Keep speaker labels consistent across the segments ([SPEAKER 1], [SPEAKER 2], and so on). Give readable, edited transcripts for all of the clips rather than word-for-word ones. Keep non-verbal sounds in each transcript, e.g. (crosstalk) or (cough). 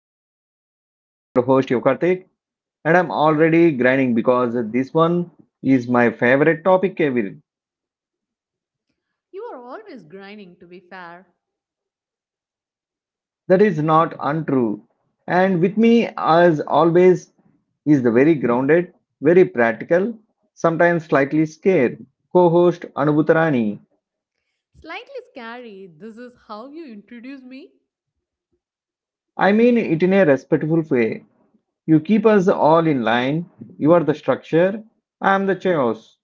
[SPEAKER 1] Travel. I'm your host Yokartik and I'm already grinding because this one is my favorite topic ever.
[SPEAKER 2] You are always grinding, to be fair.
[SPEAKER 1] That is not untrue. And with me as always is the very grounded, very practical, sometimes slightly scared co-host Anubhutarani.
[SPEAKER 2] Slightly scary, this is how you introduce me?
[SPEAKER 1] I mean it in a respectful way. You keep us all in line. You are the structure, I am the chaos.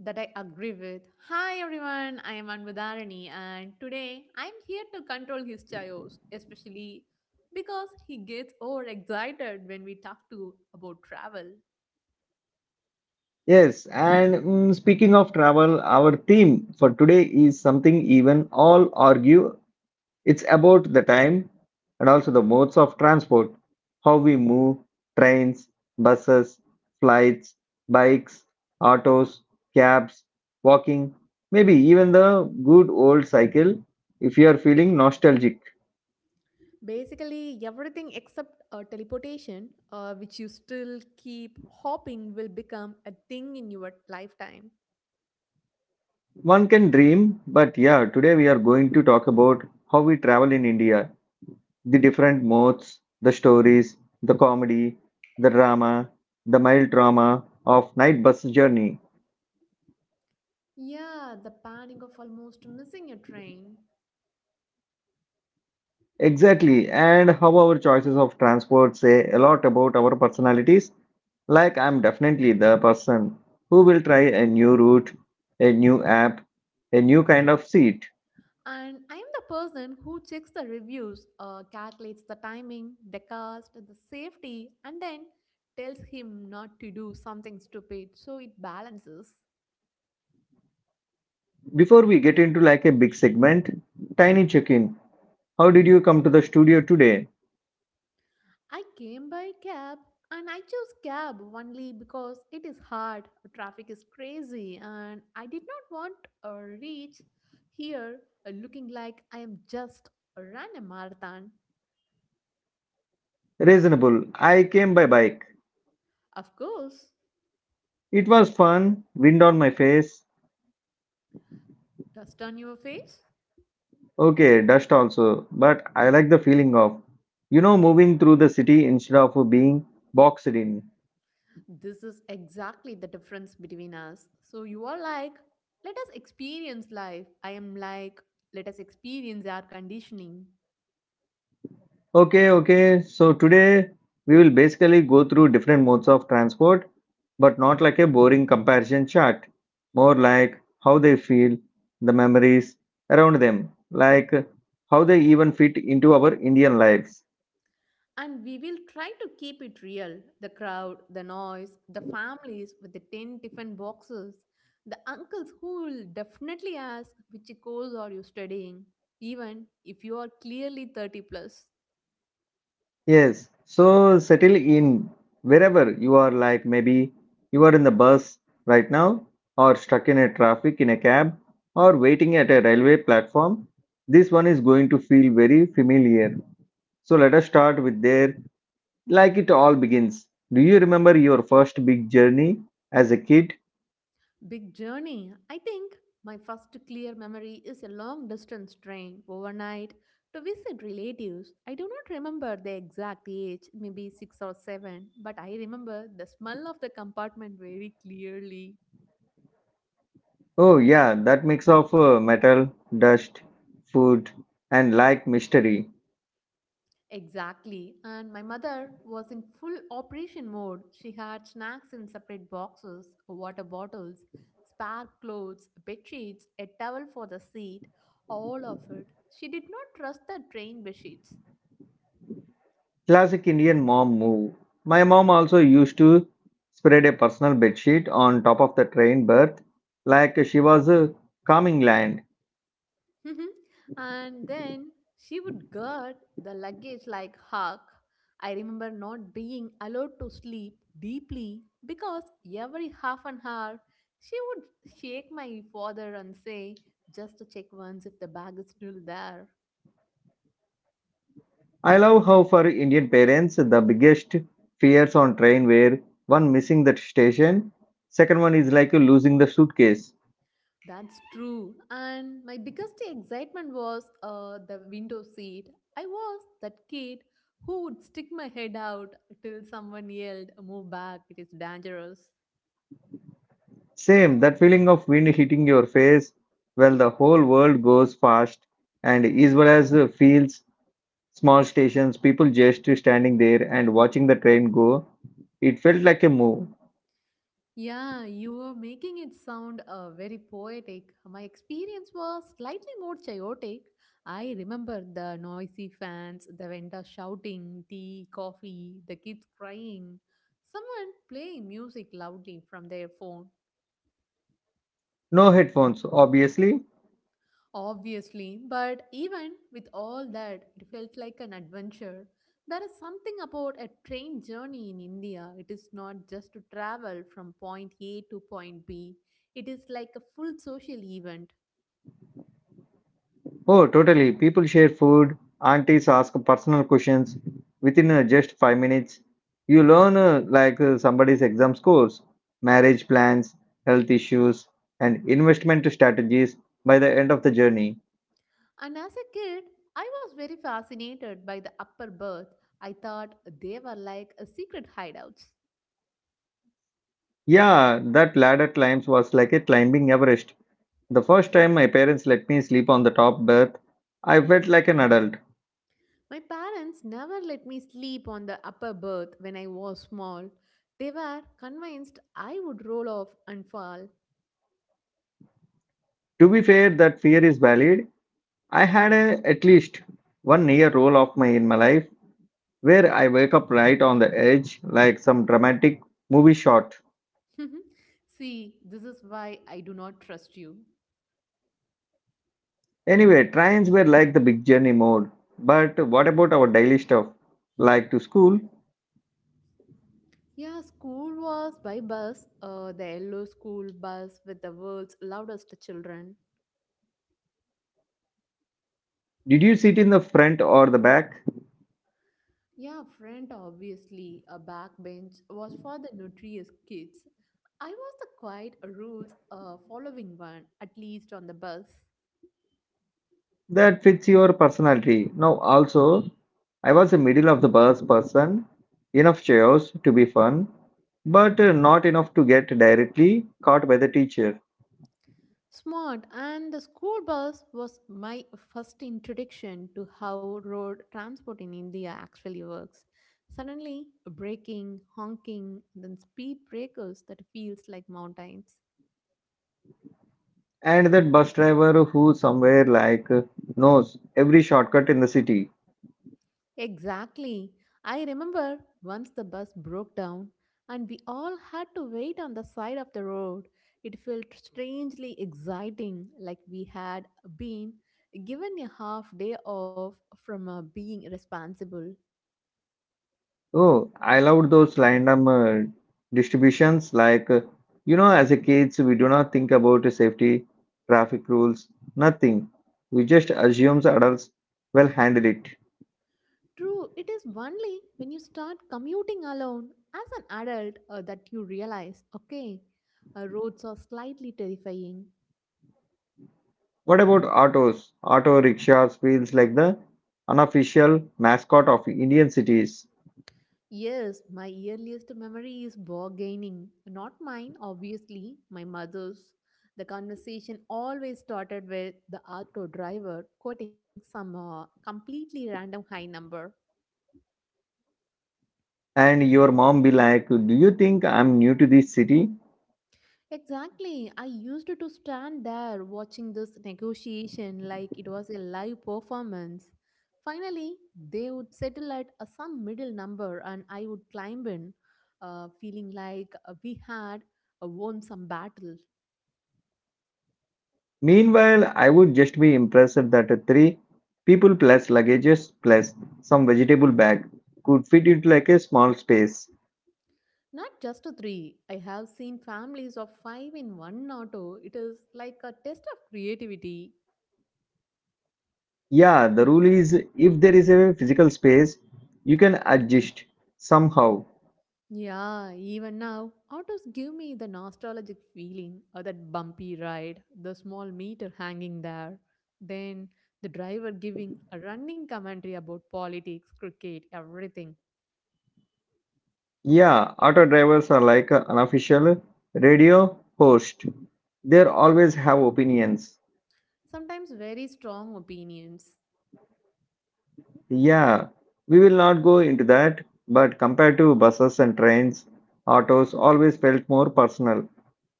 [SPEAKER 2] That I agree with. Hi everyone, I am Anvadharani and today I am here to control his chaos, especially because he gets overexcited when we talk to about travel.
[SPEAKER 1] Yes, and speaking of travel, our theme for today is something even all argue. It's about the time and also the modes of transport, how we move, trains, buses, flights, bikes, autos, cabs, walking, maybe even the good old cycle if you are feeling nostalgic.
[SPEAKER 2] Basically, everything except teleportation, which you still keep hoping will become a thing in your lifetime.
[SPEAKER 1] One can dream, but yeah, today we are going to talk about how we travel in India, the different modes, the stories, the comedy, the drama, the mild drama of night bus journey.
[SPEAKER 2] Yeah, the panic of almost missing a train.
[SPEAKER 1] Exactly, and how our choices of transport say a lot about our personalities. Like, I'm definitely the person who will try a new route, a new app, a new kind of seat.
[SPEAKER 2] And I am the person who checks the reviews, calculates the timing, the cost, the safety, and then tells him not to do something stupid so it balances.
[SPEAKER 1] Before we get into like a big segment, tiny check in. How did you come to the studio today?
[SPEAKER 2] I came by cab and I chose cab only because it is hard, traffic is crazy, and I did not want to reach here looking like I am just ran a marathon.
[SPEAKER 1] Reasonable. I came by bike.
[SPEAKER 2] Of course,
[SPEAKER 1] It was fun, wind on my face.
[SPEAKER 2] dust on your face.
[SPEAKER 1] Okay, dust also, but I like the feeling of, moving through the city instead of being boxed in.
[SPEAKER 2] This is exactly the difference between us. So you are like, let us experience life. I am like, let us experience our conditioning.
[SPEAKER 1] Okay, okay, so today we will basically go through different modes of transport, but not like a boring comparison chart, more like how they feel, the memories around them, like how they even fit into our Indian lives.
[SPEAKER 2] And we will try to keep it real the crowd, the noise, the families with the 10 different boxes, the uncles who will definitely ask, which course are you studying? Even if you are clearly 30 plus.
[SPEAKER 1] Yes, so settle in wherever you are, like maybe you are in the bus right now, or stuck in a traffic in a cab, or waiting at a railway platform. This one is going to feel very familiar. So let us start with there, like it all begins. Do you remember your first big journey as a kid?
[SPEAKER 2] Big journey. I think my first clear memory is a long distance train overnight to visit relatives. I do not remember the exact age, maybe 6 or 7, but I remember the smell of the compartment very clearly.
[SPEAKER 1] Oh, yeah, that mix of metal, dust, food, and like mystery.
[SPEAKER 2] Exactly. And my mother was in full operation mode. She had snacks in separate boxes, water bottles, spare clothes, bed sheets, a towel for the seat, all of it. She did not trust the train bed sheets.
[SPEAKER 1] Classic Indian mom move. My mom also used to spread a personal bedsheet on top of the train berth like she was a coming land.
[SPEAKER 2] Mhm. And then she would guard the luggage like hawk. I remember not being allowed to sleep deeply because every half an hour she would shake my father and say, just to check once if the bag is still there.
[SPEAKER 1] I love how for Indian parents the biggest fears on train were one missing that station, second one is like losing the suitcase.
[SPEAKER 2] That's true. And my biggest excitement was the window seat. I was that kid who would stick my head out till someone yelled, Move back, it is dangerous.
[SPEAKER 1] Same, that feeling of wind hitting your face while the whole world goes fast and as well as feels small stations, people just standing there and watching the train go. It felt like a move.
[SPEAKER 2] Yeah, you were making it sound very poetic. My experience was slightly more chaotic. I remember the noisy fans, the vendor shouting, tea, coffee, the kids crying, someone playing music loudly from their phone.
[SPEAKER 1] No headphones, obviously.
[SPEAKER 2] Obviously, but even with all that, it felt like an adventure. There is something about a train journey in India. It is not just to travel from point A to point B, it is like a full social event.
[SPEAKER 1] Oh, totally. People share food. Aunties ask personal questions. Within just 5 minutes, you learn like somebody's exam scores, marriage plans, health issues, and investment strategies by the end of the journey.
[SPEAKER 2] And as a kid, I was very fascinated by the upper berth. I thought they were like a secret hideouts.
[SPEAKER 1] Yeah, that ladder climbs was like a climbing Everest. The first time my parents let me sleep on the top berth, I felt like an adult.
[SPEAKER 2] My parents never let me sleep on the upper berth when I was small. They were convinced I would roll off and fall.
[SPEAKER 1] To be fair, that fear is valid. I had at least one near role of my in my life where I wake up right on the edge, like some dramatic movie shot.
[SPEAKER 2] (laughs) See, this is why I do not trust you.
[SPEAKER 1] Anyway, trains were like the big journey mode. But what about our daily stuff, like to school?
[SPEAKER 2] Yeah, school was by bus, the yellow school bus with the world's loudest children.
[SPEAKER 1] Did you sit in the front or the back?
[SPEAKER 2] Yeah, front obviously, a backbench was for the notorious kids. I was the quiet rules following one, at least on the bus.
[SPEAKER 1] That fits your personality. Now, also, I was a middle of the bus person, enough chairs to be fun, but not enough to get directly caught by the teacher.
[SPEAKER 2] Smart, and the school bus was my first introduction to how road transport in India actually works. Suddenly, braking, honking, then speed breakers that feels like mountains.
[SPEAKER 1] And that bus driver who somewhere like knows every shortcut in the city.
[SPEAKER 2] Exactly. I remember once the bus broke down and we all had to wait on the side of the road. It felt strangely exciting, like we had been given a half day off from being responsible.
[SPEAKER 1] Oh, I loved those random distributions. Like, as a kids, we do not think about the safety, traffic rules, nothing. We just assume adults will handle it.
[SPEAKER 2] True, it is only when you start commuting alone as an adult that you realize okay, roads are slightly terrifying.
[SPEAKER 1] What about autos? Auto rickshaws feels like the unofficial mascot of Indian cities.
[SPEAKER 2] Yes, my earliest memory is bargaining. Not mine, obviously, my mother's. The conversation always started with the auto driver quoting some completely random high number.
[SPEAKER 1] And your mom be like, do you think I'm new to this city?
[SPEAKER 2] Exactly, I used to stand there watching this negotiation like it was a live performance. Finally, they would settle at some middle number and I would climb in, feeling like we had won some battle.
[SPEAKER 1] Meanwhile, I would just be impressed that a three people plus luggages plus some vegetable bag could fit into like a small space.
[SPEAKER 2] Not just to three. I have seen families of five in one auto. It is like a test of creativity.
[SPEAKER 1] Yeah, the rule is if there is a physical space, you can adjust somehow.
[SPEAKER 2] Yeah, even now, autos give me the nostalgic feeling of that bumpy ride, the small meter hanging there, then the driver giving a running commentary about politics, cricket, everything.
[SPEAKER 1] Yeah, auto drivers are like an unofficial radio host. They always have opinions.
[SPEAKER 2] Sometimes very strong opinions.
[SPEAKER 1] Yeah, we will not go into that, but compared to buses and trains, autos always felt more personal.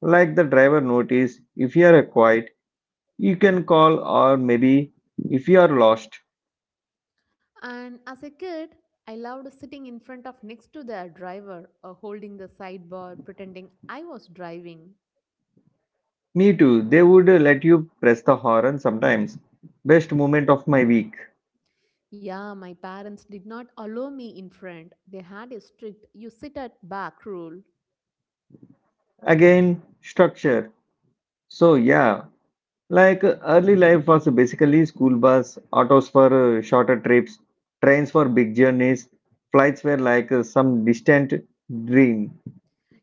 [SPEAKER 1] Like the driver noticed if you are quiet, you can call, or maybe if you are lost.
[SPEAKER 2] And as a kid, I loved sitting in front of next to the driver or holding the sidebar pretending I was driving.
[SPEAKER 1] Me too, they would let you press the horn sometimes. Best moment of my week.
[SPEAKER 2] Yeah, my parents did not allow me in front. They had a strict you sit at back rule.
[SPEAKER 1] Again, structure. So, yeah, like early life was basically school bus, autos for shorter trips, trains for big journeys, flights were like some distant dream.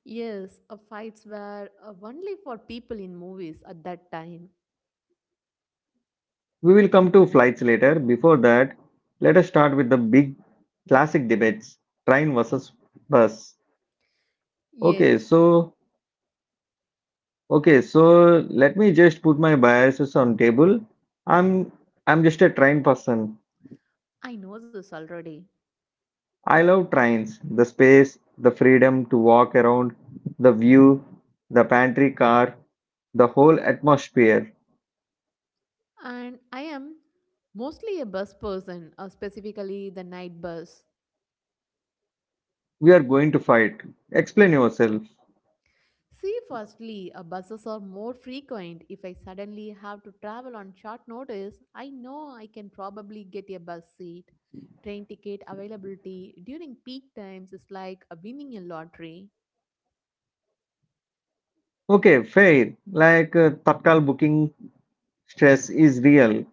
[SPEAKER 2] Yes, fights were only for people in movies at that time.
[SPEAKER 1] We will come to flights later. Before that, let us start with the big classic debates, train versus bus. Okay,
[SPEAKER 2] Yes,
[SPEAKER 1] so okay, so let me just put my biases on table. I'm I'm just a train person.
[SPEAKER 2] I know this already.
[SPEAKER 1] I love trains, the space, the freedom to walk around, the view, the pantry car, the whole atmosphere.
[SPEAKER 2] And I am mostly a bus person, specifically the night bus.
[SPEAKER 1] We are going to fight. Explain yourself.
[SPEAKER 2] See, firstly, buses are more frequent. If I suddenly have to travel on short notice, I know I can probably get a bus seat. Train ticket availability during peak times is like winning a lottery.
[SPEAKER 1] Okay, fair. Like Tatkal booking stress is real.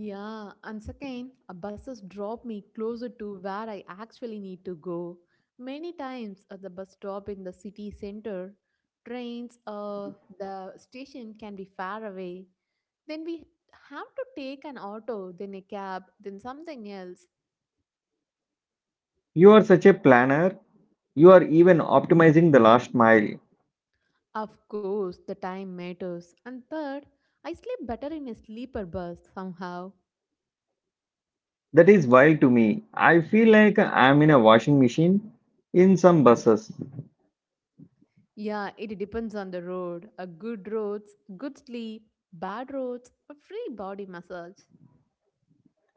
[SPEAKER 2] Yeah, and second, buses drop me closer to where I actually need to go. Many times at the bus stop in the city center, trains or the station can be far away. Then we have to take an auto, then a cab, then something else.
[SPEAKER 1] You are such a planner. You are even optimizing the last mile.
[SPEAKER 2] Of course, the time matters. And third, I sleep better in a sleeper bus somehow.
[SPEAKER 1] That is wild to me. I feel like I'm in a washing machine in some buses.
[SPEAKER 2] Yeah, it depends on the road. A good roads, good sleep, bad roads, a free body massage.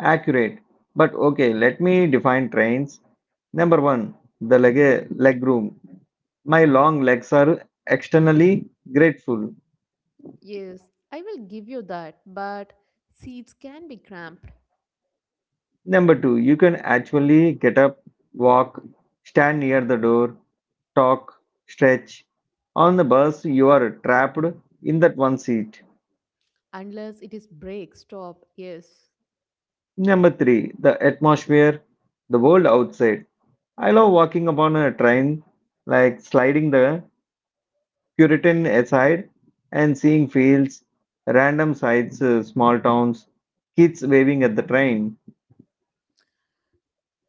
[SPEAKER 1] Accurate. But okay, let me define trains. Number one, the leg room. My long legs are externally grateful.
[SPEAKER 2] Yes, I will give you that, but seats can be cramped
[SPEAKER 1] Number two, you can actually get up, walk, stand near the door, talk, stretch. On the bus, you are trapped in that one seat.
[SPEAKER 2] unless it is break stop. Yes.
[SPEAKER 1] Number three, the atmosphere, the world outside. I love walking upon a train, like sliding the Puritan aside, and seeing fields, random sights, small towns, kids waving at the train.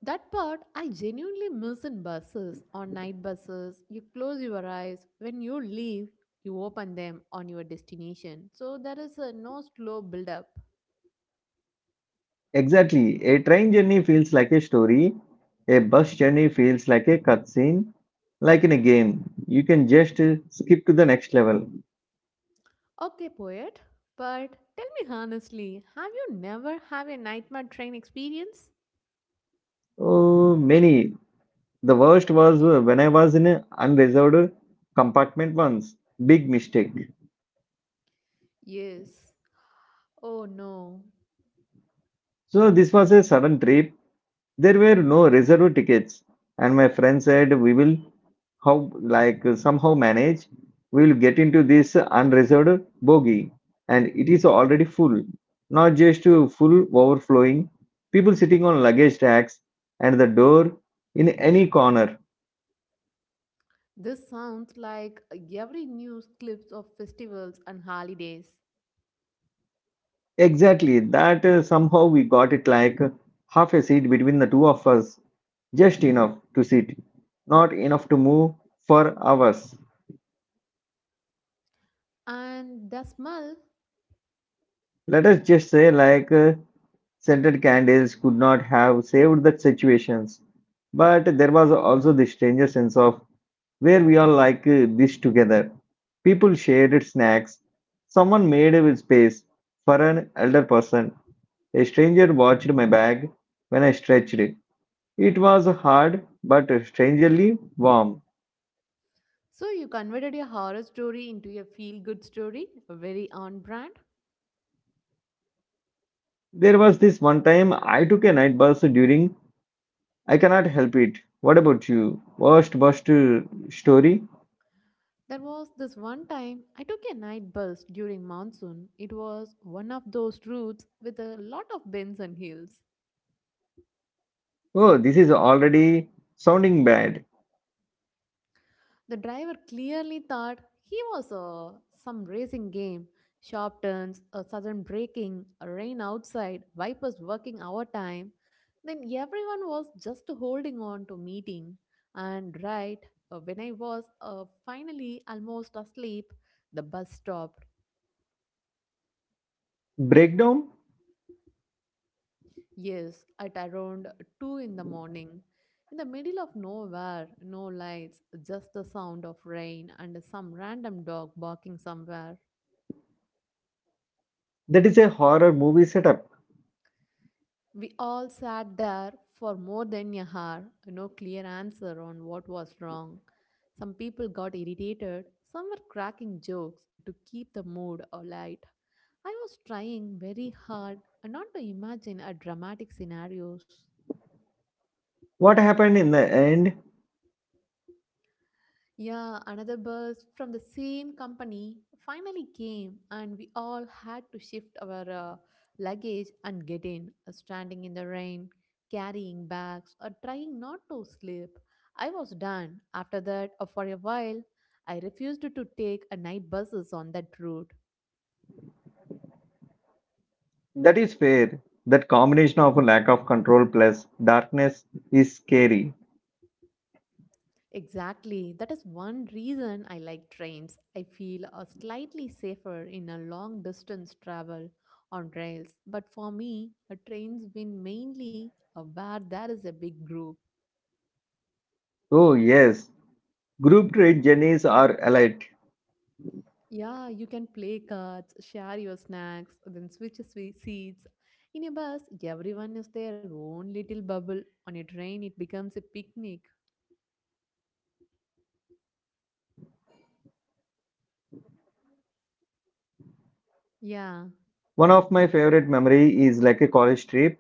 [SPEAKER 2] That part I genuinely miss in buses, on night buses. You close your eyes. When you leave, you open them on your destination. So there is a no slow build up.
[SPEAKER 1] Exactly, a train journey feels like a story, a bus journey feels like a cutscene, like in a game. You can just skip to the next level.
[SPEAKER 2] Okay, poet, but tell me honestly, have you never have a nightmare train experience?
[SPEAKER 1] Oh, many. The worst was when I was in an unreserved compartment once. Big mistake.
[SPEAKER 2] Yes. Oh no.
[SPEAKER 1] So, this was a sudden trip. There were no reserved tickets, and my friend said we will how like somehow manage. We will get into this unreserved bogey, and it is already full, not just full, overflowing, people sitting on luggage racks and the door in any corner.
[SPEAKER 2] This sounds like every news clips of festivals and holidays.
[SPEAKER 1] Exactly that, somehow we got it, like half a seat between the two of us, just enough to sit, not enough to move for hours.
[SPEAKER 2] And the smell.
[SPEAKER 1] Let us just say, like scented candles could not have saved the situations, but there was also this stranger sense of where we are, like this together. People shared snacks. Someone made a space for an elder person. A stranger watched my bag when I stretched it. It was hard but strangely warm.
[SPEAKER 2] So you converted a horror story into a feel-good story, a very on brand.
[SPEAKER 1] There was this one time I took a night bus during, I cannot help it. What about you? Worst bus story?
[SPEAKER 2] There was this one time I took a night bus during monsoon. It was one of those routes with a lot of bends and hills.
[SPEAKER 1] Oh, this is already sounding bad.
[SPEAKER 2] The driver clearly thought he was some racing game. Sharp turns, a sudden braking, a rain outside, wipers working overtime. Then everyone was just holding on to meeting. And right when I was finally almost asleep, the bus stopped.
[SPEAKER 1] Breakdown?
[SPEAKER 2] Yes, at around 2 in the morning. In the middle of nowhere, no lights, just the sound of rain and some random dog barking somewhere.
[SPEAKER 1] That is a horror movie setup.
[SPEAKER 2] We all sat there for more than a hour, no clear answer on what was wrong. Some people got irritated, some were cracking jokes to keep the mood alight. I was trying very hard not to imagine a dramatic scenarios.
[SPEAKER 1] What happened in the end?
[SPEAKER 2] Yeah, another bus from the same company finally came, and we all had to shift our luggage and get in, standing in the rain, carrying bags, or trying not to sleep. I was done. After that, for a while, I refused to take a night buses on that route.
[SPEAKER 1] That is fair. That combination of lack of control plus darkness is scary.
[SPEAKER 2] Exactly. That is one reason I like trains. I feel slightly safer in a long distance travel on rails. But for me, trains win mainly where there is a big group.
[SPEAKER 1] Oh, yes. Group trade journeys are elite.
[SPEAKER 2] Yeah, you can play cards, share your snacks, then seats. In a bus, everyone is their own little bubble. On a train, it becomes a picnic. Yeah.
[SPEAKER 1] One of my favorite memory is like a college trip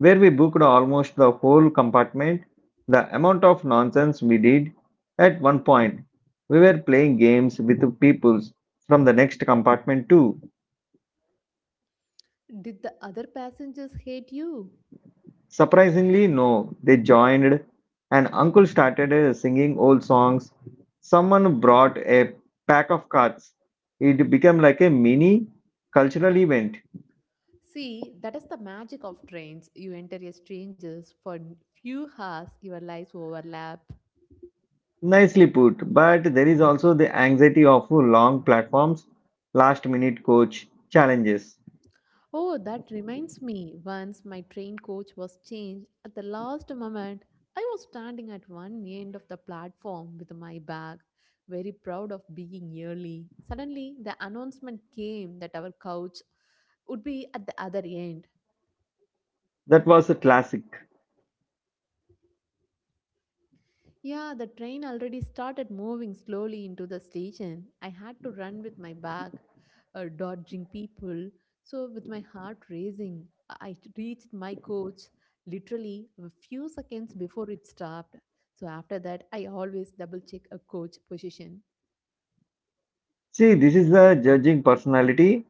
[SPEAKER 1] where we booked almost the whole compartment. The amount of nonsense we did at one point. We were playing games with the peoples from the next compartment too.
[SPEAKER 2] Did the other passengers hate you?
[SPEAKER 1] Surprisingly, no. They joined, and uncle started singing old songs. Someone brought a pack of cards. It became like a mini cultural event.
[SPEAKER 2] See, that is the magic of trains. You enter as strangers for few hours, your lives overlap.
[SPEAKER 1] Nicely put, but there is also the anxiety of long platforms, last minute coach challenges.
[SPEAKER 2] Oh, that reminds me. Once my train coach was changed at the last moment. I was standing at one end of the platform with my bag, very proud of being early. Suddenly, the announcement came that our couch would be at the other end.
[SPEAKER 1] That was a classic.
[SPEAKER 2] Yeah, the train already started moving slowly into the station. I had to run with my bag, dodging people. So, with my heart racing, I reached my coach literally a few seconds before it stopped. So, after that, I always double check a coach position.
[SPEAKER 1] See, this is the judging personality.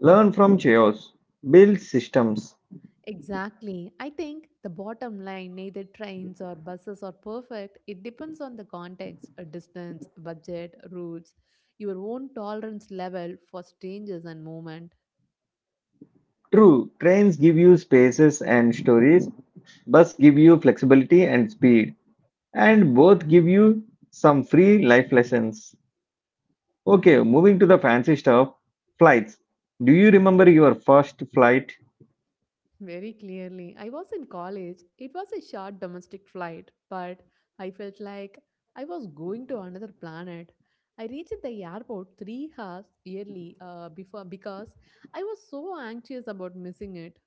[SPEAKER 1] Learn from chaos, build systems.
[SPEAKER 2] Exactly. I think the bottom line neither trains or buses are perfect. It depends on the context, distance, budget, routes, your own tolerance level for strangers and movement.
[SPEAKER 1] True, trains give you spaces and stories, bus give you flexibility and speed, and both give you some free life lessons. Okay, moving to the fancy stuff, flights. Do you remember your first flight?
[SPEAKER 2] Very clearly. I was in college. It was a short domestic flight, but I felt like I was going to another planet. I reached the airport 3 hours early before because I was so anxious about missing it.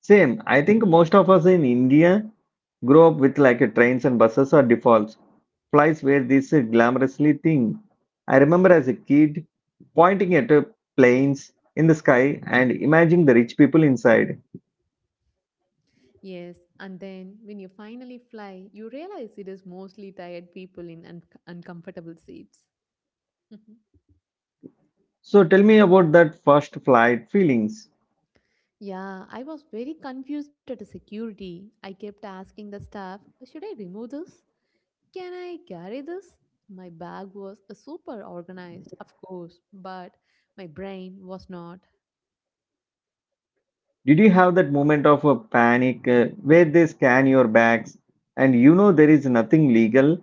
[SPEAKER 1] Same, I think most of us in India grow up with like a trains and buses or defaults. Flights were this glamorously thing. I remember as a kid pointing at planes in the sky and imagining the rich people inside.
[SPEAKER 2] Yes, and then when you finally fly, you realize it is mostly tired people in uncomfortable seats. (laughs)
[SPEAKER 1] So tell me about that first flight feelings.
[SPEAKER 2] Yeah, I was very confused at the security. I kept asking the staff, should I remove this? Can I carry this? My bag was super organized, of course, but my brain was not.
[SPEAKER 1] Did you have that moment of a panic where they scan your bags and you know there is nothing legal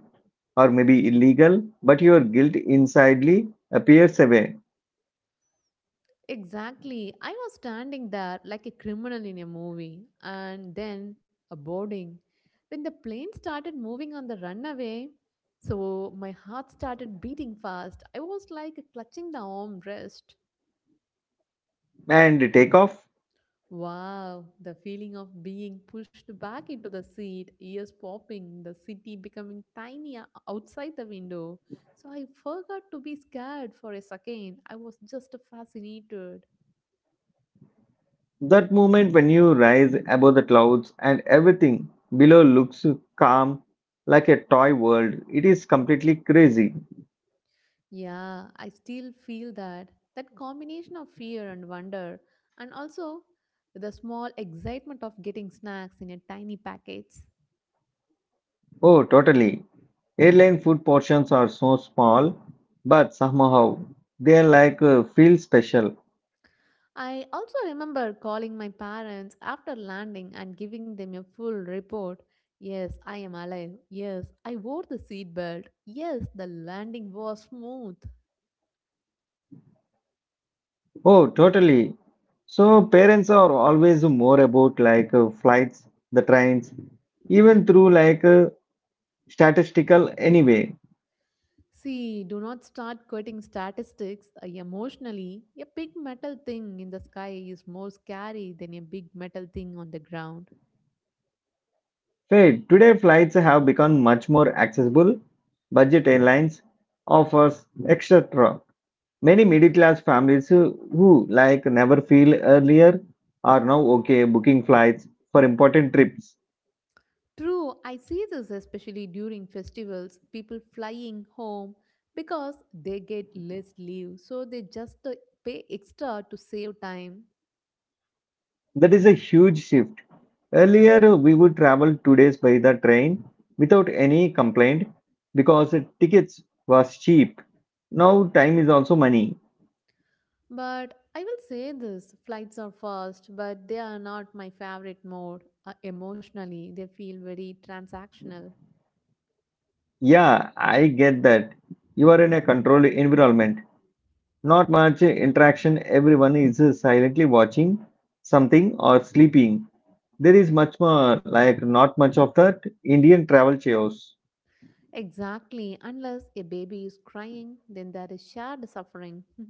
[SPEAKER 1] or maybe illegal, but your guilt insidely appears away
[SPEAKER 2] Exactly. I was standing there like a criminal in a movie, and then a boarding. When the plane started moving on the runway, so my heart started beating fast. I was like clutching the armrest.
[SPEAKER 1] and take off?
[SPEAKER 2] Wow, the feeling of being pushed back into the seat, ears popping, the city becoming tiny outside the window. So I forgot to be scared for a second. I was just fascinated.
[SPEAKER 1] That moment when you rise above the clouds and everything below looks calm like a toy world, it is completely crazy.
[SPEAKER 2] Yeah, I still feel that. That combination of fear and wonder, and also the small excitement of getting snacks in a tiny packets.
[SPEAKER 1] Oh, totally. Airline food portions are so small, but somehow they are like feel special.
[SPEAKER 2] I also remember calling my parents after landing and giving them a full report. Yes, I am alive. Yes, I wore the seatbelt. Yes, the landing was smooth.
[SPEAKER 1] Oh, totally. So parents are always more about like flights, the trains, even through like statistical anyway.
[SPEAKER 2] See, do not start quoting statistics emotionally. A big metal thing in the sky is more scary than a big metal thing on the ground.
[SPEAKER 1] Hey, today flights have become much more accessible. Budget airlines offers etc. Many middle class families who, like never feel earlier are now okay booking flights for important trips.
[SPEAKER 2] True, I see this especially during festivals, people flying home because they get less leave, so they just pay extra to save time.
[SPEAKER 1] That is a huge shift. Earlier we would travel 2 days by the train without any complaint because tickets was cheap. Now time is also money.
[SPEAKER 2] But I will say this flights are fast, but they are not my favorite mode. Emotionally, they feel very transactional.
[SPEAKER 1] Yeah, I get that. You are in a controlled environment. Not much interaction, everyone is silently watching something or sleeping. There is much more, like, not much of that Indian travel chaos.
[SPEAKER 2] Exactly, unless a baby is crying, then there is shared suffering. (laughs)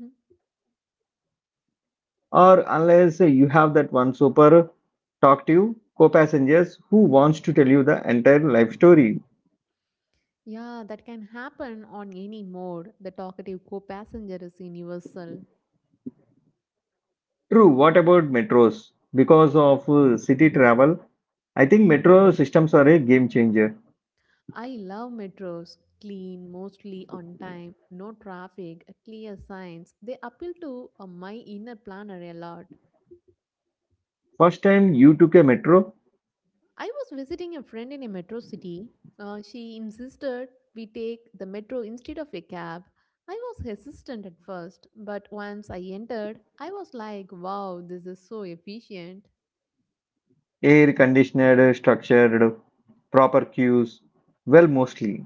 [SPEAKER 1] Or unless you have that one super talkative co passengers who wants to tell you the entire life story.
[SPEAKER 2] Yeah, that can happen on any mode. The talkative co passenger is universal.
[SPEAKER 1] True, what about metros? Because of city travel, I think metro systems are a game changer.
[SPEAKER 2] I love metros. Clean, mostly on time, no traffic, clear signs. They appeal to my inner planner a lot.
[SPEAKER 1] First time you took a metro,
[SPEAKER 2] I was visiting a friend in a metro city. She insisted we take the metro instead of a cab. I was hesitant at first, but once I entered, I was like, wow, this is so efficient.
[SPEAKER 1] air conditioned, structured, proper queues, well, mostly.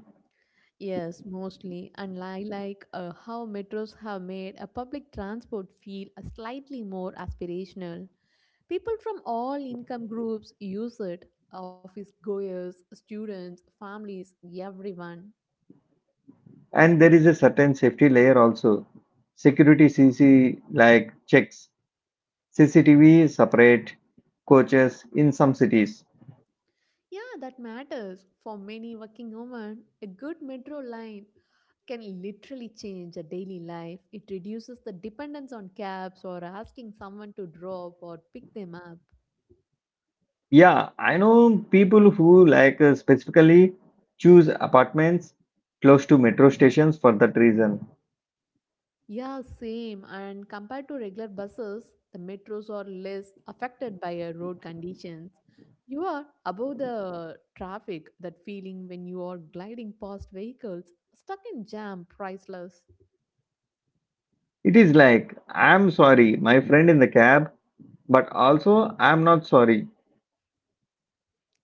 [SPEAKER 2] Yes, mostly. And I like how metros have made a public transport feel slightly more aspirational. People from all income groups use it office goers, students, families, everyone.
[SPEAKER 1] And there is a certain safety layer also. Security CC like checks, CCTV separate, coaches in some cities.
[SPEAKER 2] Yeah, that matters. For many working women, a good metro line can literally change a daily life. It reduces the dependence on cabs or asking someone to drop or pick them up.
[SPEAKER 1] Yeah, I know people who like specifically choose apartments close to metro stations for that reason.
[SPEAKER 2] Yeah, same. And compared to regular buses, the metros are less affected by road conditions. You are above the traffic, that feeling when you are gliding past vehicles, stuck in jam, priceless.
[SPEAKER 1] It is like, I'm sorry, my friend in the cab, but also I'm not sorry.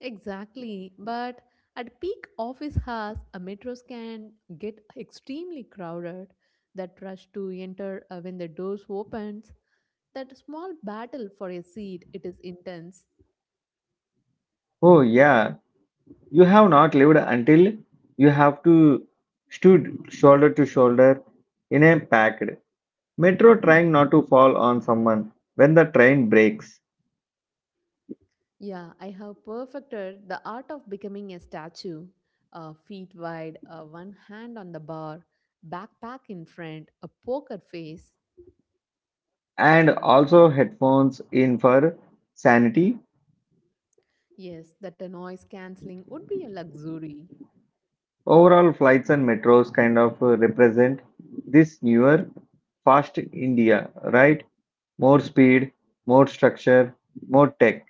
[SPEAKER 2] Exactly. But at peak office hours, metros can get extremely crowded. That rush to enter when the doors opens, that small battle for a seat, it is intense.
[SPEAKER 1] Oh, yeah. You have not lived until you have to stood shoulder to shoulder in a packed metro trying not to fall on someone when the train breaks,
[SPEAKER 2] Yeah, I have perfected the art of becoming a statue, feet wide, one hand on the bar, backpack in front, a poker face.
[SPEAKER 1] and also headphones in for sanity.
[SPEAKER 2] Yes, that a noise cancelling would be a luxury.
[SPEAKER 1] Overall flights and metros kind of represent this newer fast india, right? More speed, more structure, more tech.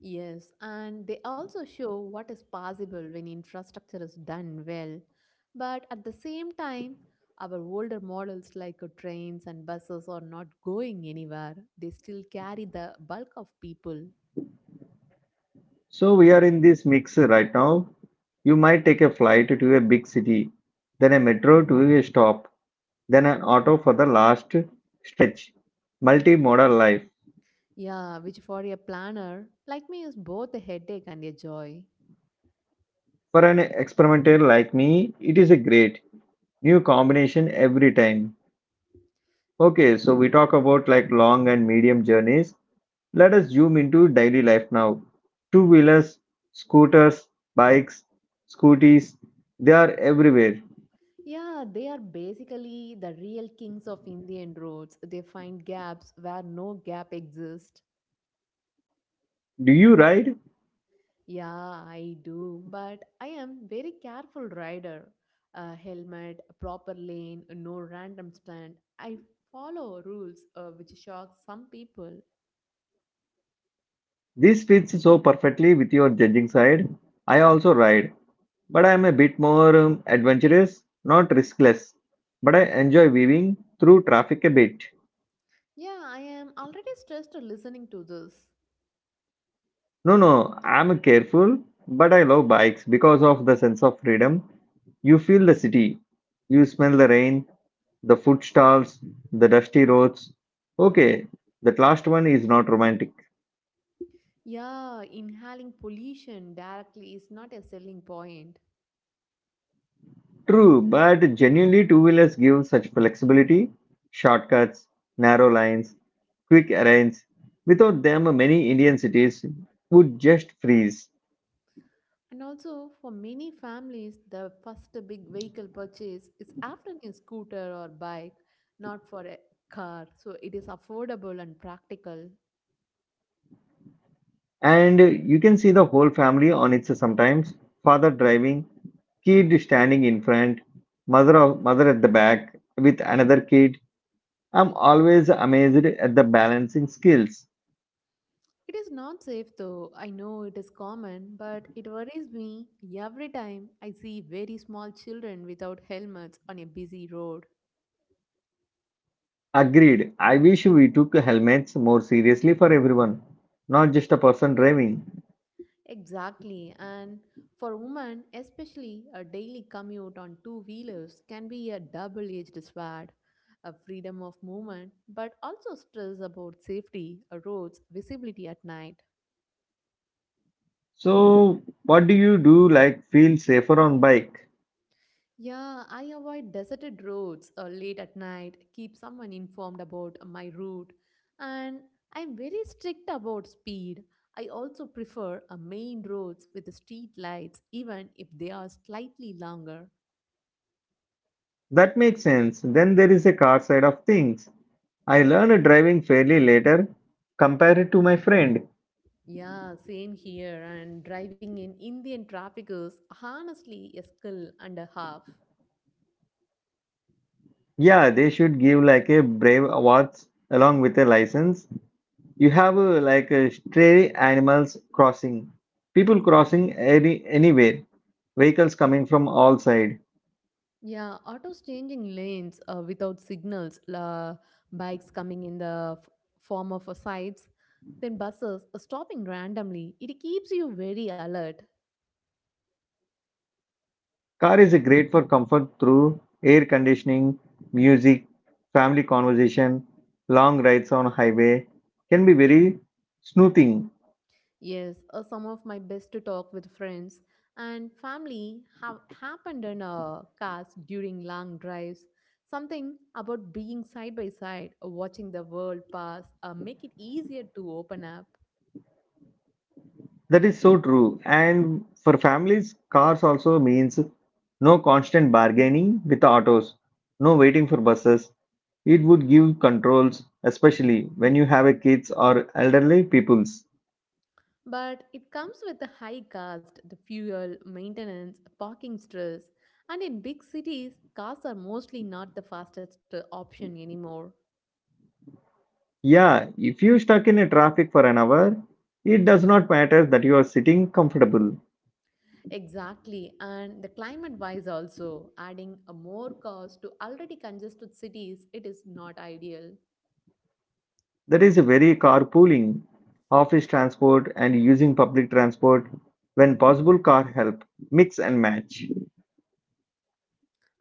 [SPEAKER 2] Yes, and they also show what is possible when infrastructure is done well. But at the same time, our older models like trains and buses are not going anywhere. They still carry the bulk of people.
[SPEAKER 1] So we are in this mix right now. You might take a flight to a big city, then a metro to a stop, then an auto for the last stretch. Multimodal life.
[SPEAKER 2] Yeah, which for a planner like me is both a headache and a joy.
[SPEAKER 1] For an experimenter like me, it is a great new combination every time. Okay, so we talk about like long and medium journeys. Let us zoom into daily life now. Two wheelers, scooters, bikes, scooties, they are everywhere.
[SPEAKER 2] Yeah, they are basically the real kings of Indian roads. They find gaps where no gap exists.
[SPEAKER 1] Do you ride?
[SPEAKER 2] Yeah, I do, but I am very careful rider. A helmet, a proper lane, no random stunt. I follow rules, which shocks some people.
[SPEAKER 1] This fits so perfectly with your judging side. I also ride, but I am a bit more adventurous, not riskless. But I enjoy weaving through traffic a bit.
[SPEAKER 2] Yeah, I am already stressed listening to this.
[SPEAKER 1] No, no, I am careful, but I love bikes because of the sense of freedom. You feel the city, you smell the rain, the food stalls, the dusty roads. Okay, that last one is not romantic.
[SPEAKER 2] Yeah, inhaling pollution directly is not a selling point.
[SPEAKER 1] True, but genuinely two-wheelers give such flexibility, shortcuts, narrow lines, quick errands. Without them, many Indian cities would just freeze.
[SPEAKER 2] And also, for many families, the first big vehicle purchase is often a scooter or bike, not for a car. So it is affordable and practical.
[SPEAKER 1] And you can see the whole family on it sometimes. Father driving, kid standing in front, mother at the back with another kid. I'm always amazed at the balancing skills.
[SPEAKER 2] It is not safe though. I know it is common, but it worries me every time I see very small children without helmets on a busy road.
[SPEAKER 1] Agreed. I wish we took helmets more seriously for everyone, not just a person driving.
[SPEAKER 2] Exactly, and for women, especially, a daily commute on two wheelers can be a double edged sword a freedom of movement, but also stress about safety, roads, visibility at night.
[SPEAKER 1] So, what do you do like feel safer on bike?
[SPEAKER 2] Yeah, I avoid deserted roads late at night, keep someone informed about my route, and I'm very strict about speed. I also prefer main roads with street lights, even if they are slightly longer.
[SPEAKER 1] That makes sense. Then there is a car side of things. I learned driving fairly later compared to my friend.
[SPEAKER 2] Yeah, same here. And driving in Indian traffic is honestly a skill and a half.
[SPEAKER 1] Yeah, they should give like a brave awards along with a license. You have like a stray animals crossing, people crossing anywhere, vehicles coming from all side.
[SPEAKER 2] Yeah, autos changing lanes without signals, la bikes coming in the form of sides, then buses stopping randomly. It keeps you very alert.
[SPEAKER 1] Car is great for comfort through air conditioning, music, family conversation, long rides on highway can be very soothing.
[SPEAKER 2] Yes, some of my best talk with friends and family have happened in cars during long drives. Something about being side by side, watching the world pass, make it easier to open up.
[SPEAKER 1] That is so true. And for families, cars also means no constant bargaining with autos, no waiting for buses. It would give controls, especially when you have a kids or elderly peoples.
[SPEAKER 2] But it comes with the high cost, the fuel, maintenance, parking stress, and in big cities, cars are mostly not the fastest option anymore.
[SPEAKER 1] Yeah, if you stuck in a traffic for an hour, it does not matter that you are sitting comfortable.
[SPEAKER 2] Exactly, and the climate wise also, adding a more cars to already congested cities, it is not ideal.
[SPEAKER 1] That is a very carpooling, office transport, and using public transport when possible car help. Mix and match.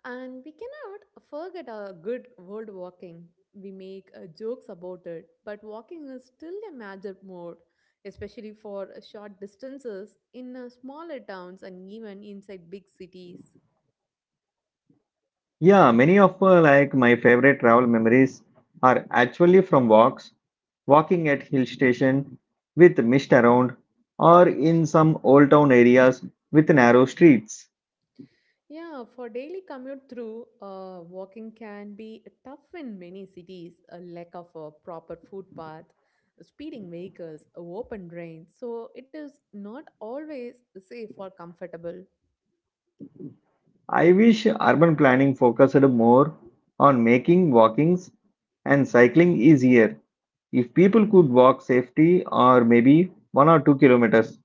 [SPEAKER 2] And we cannot forget our good world walking. We make jokes about it, but walking is still a major mode, especially for short distances in smaller towns and even inside big cities.
[SPEAKER 1] Yeah, many of like my favorite travel memories are actually from walks, walking at hill station with mist around, or in some old town areas with narrow streets.
[SPEAKER 2] Yeah, for daily commute through, walking can be tough in many cities. A lack of a proper footpath, speeding vehicles, a open drains. So it is not always safe or comfortable.
[SPEAKER 1] I wish urban planning focused more on making walkings and cycling easier. If people could walk safely or maybe 1 or 2 kilometers,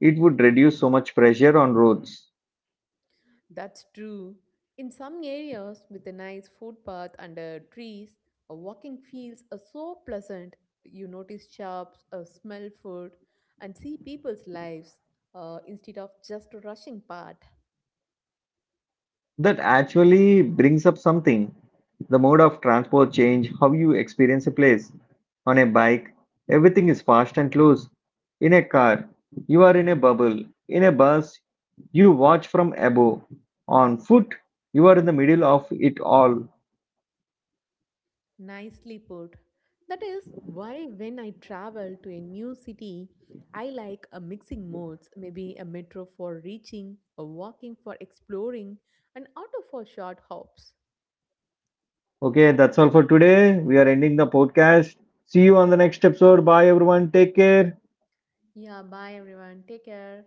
[SPEAKER 1] it would reduce so much pressure on roads.
[SPEAKER 2] That's true. In some areas, with a nice footpath under trees, a walking feels so pleasant. You notice shops, smell food, and see people's lives instead of just rushing past.
[SPEAKER 1] That actually brings up something. The mode of transport change, how you experience a place. On a bike, everything is fast and close. In a car, you are in a bubble. In a bus, you watch from above. On foot, you are in the middle of it all.
[SPEAKER 2] Nicely put. That is why when I travel to a new city, I like a mixing modes, maybe a metro for reaching, a walking for exploring, and auto for short hops.
[SPEAKER 1] Okay, that's all for today. We are ending the podcast. See you on the next episode. Bye, everyone. Take care.
[SPEAKER 2] Yeah, bye everyone. Take care.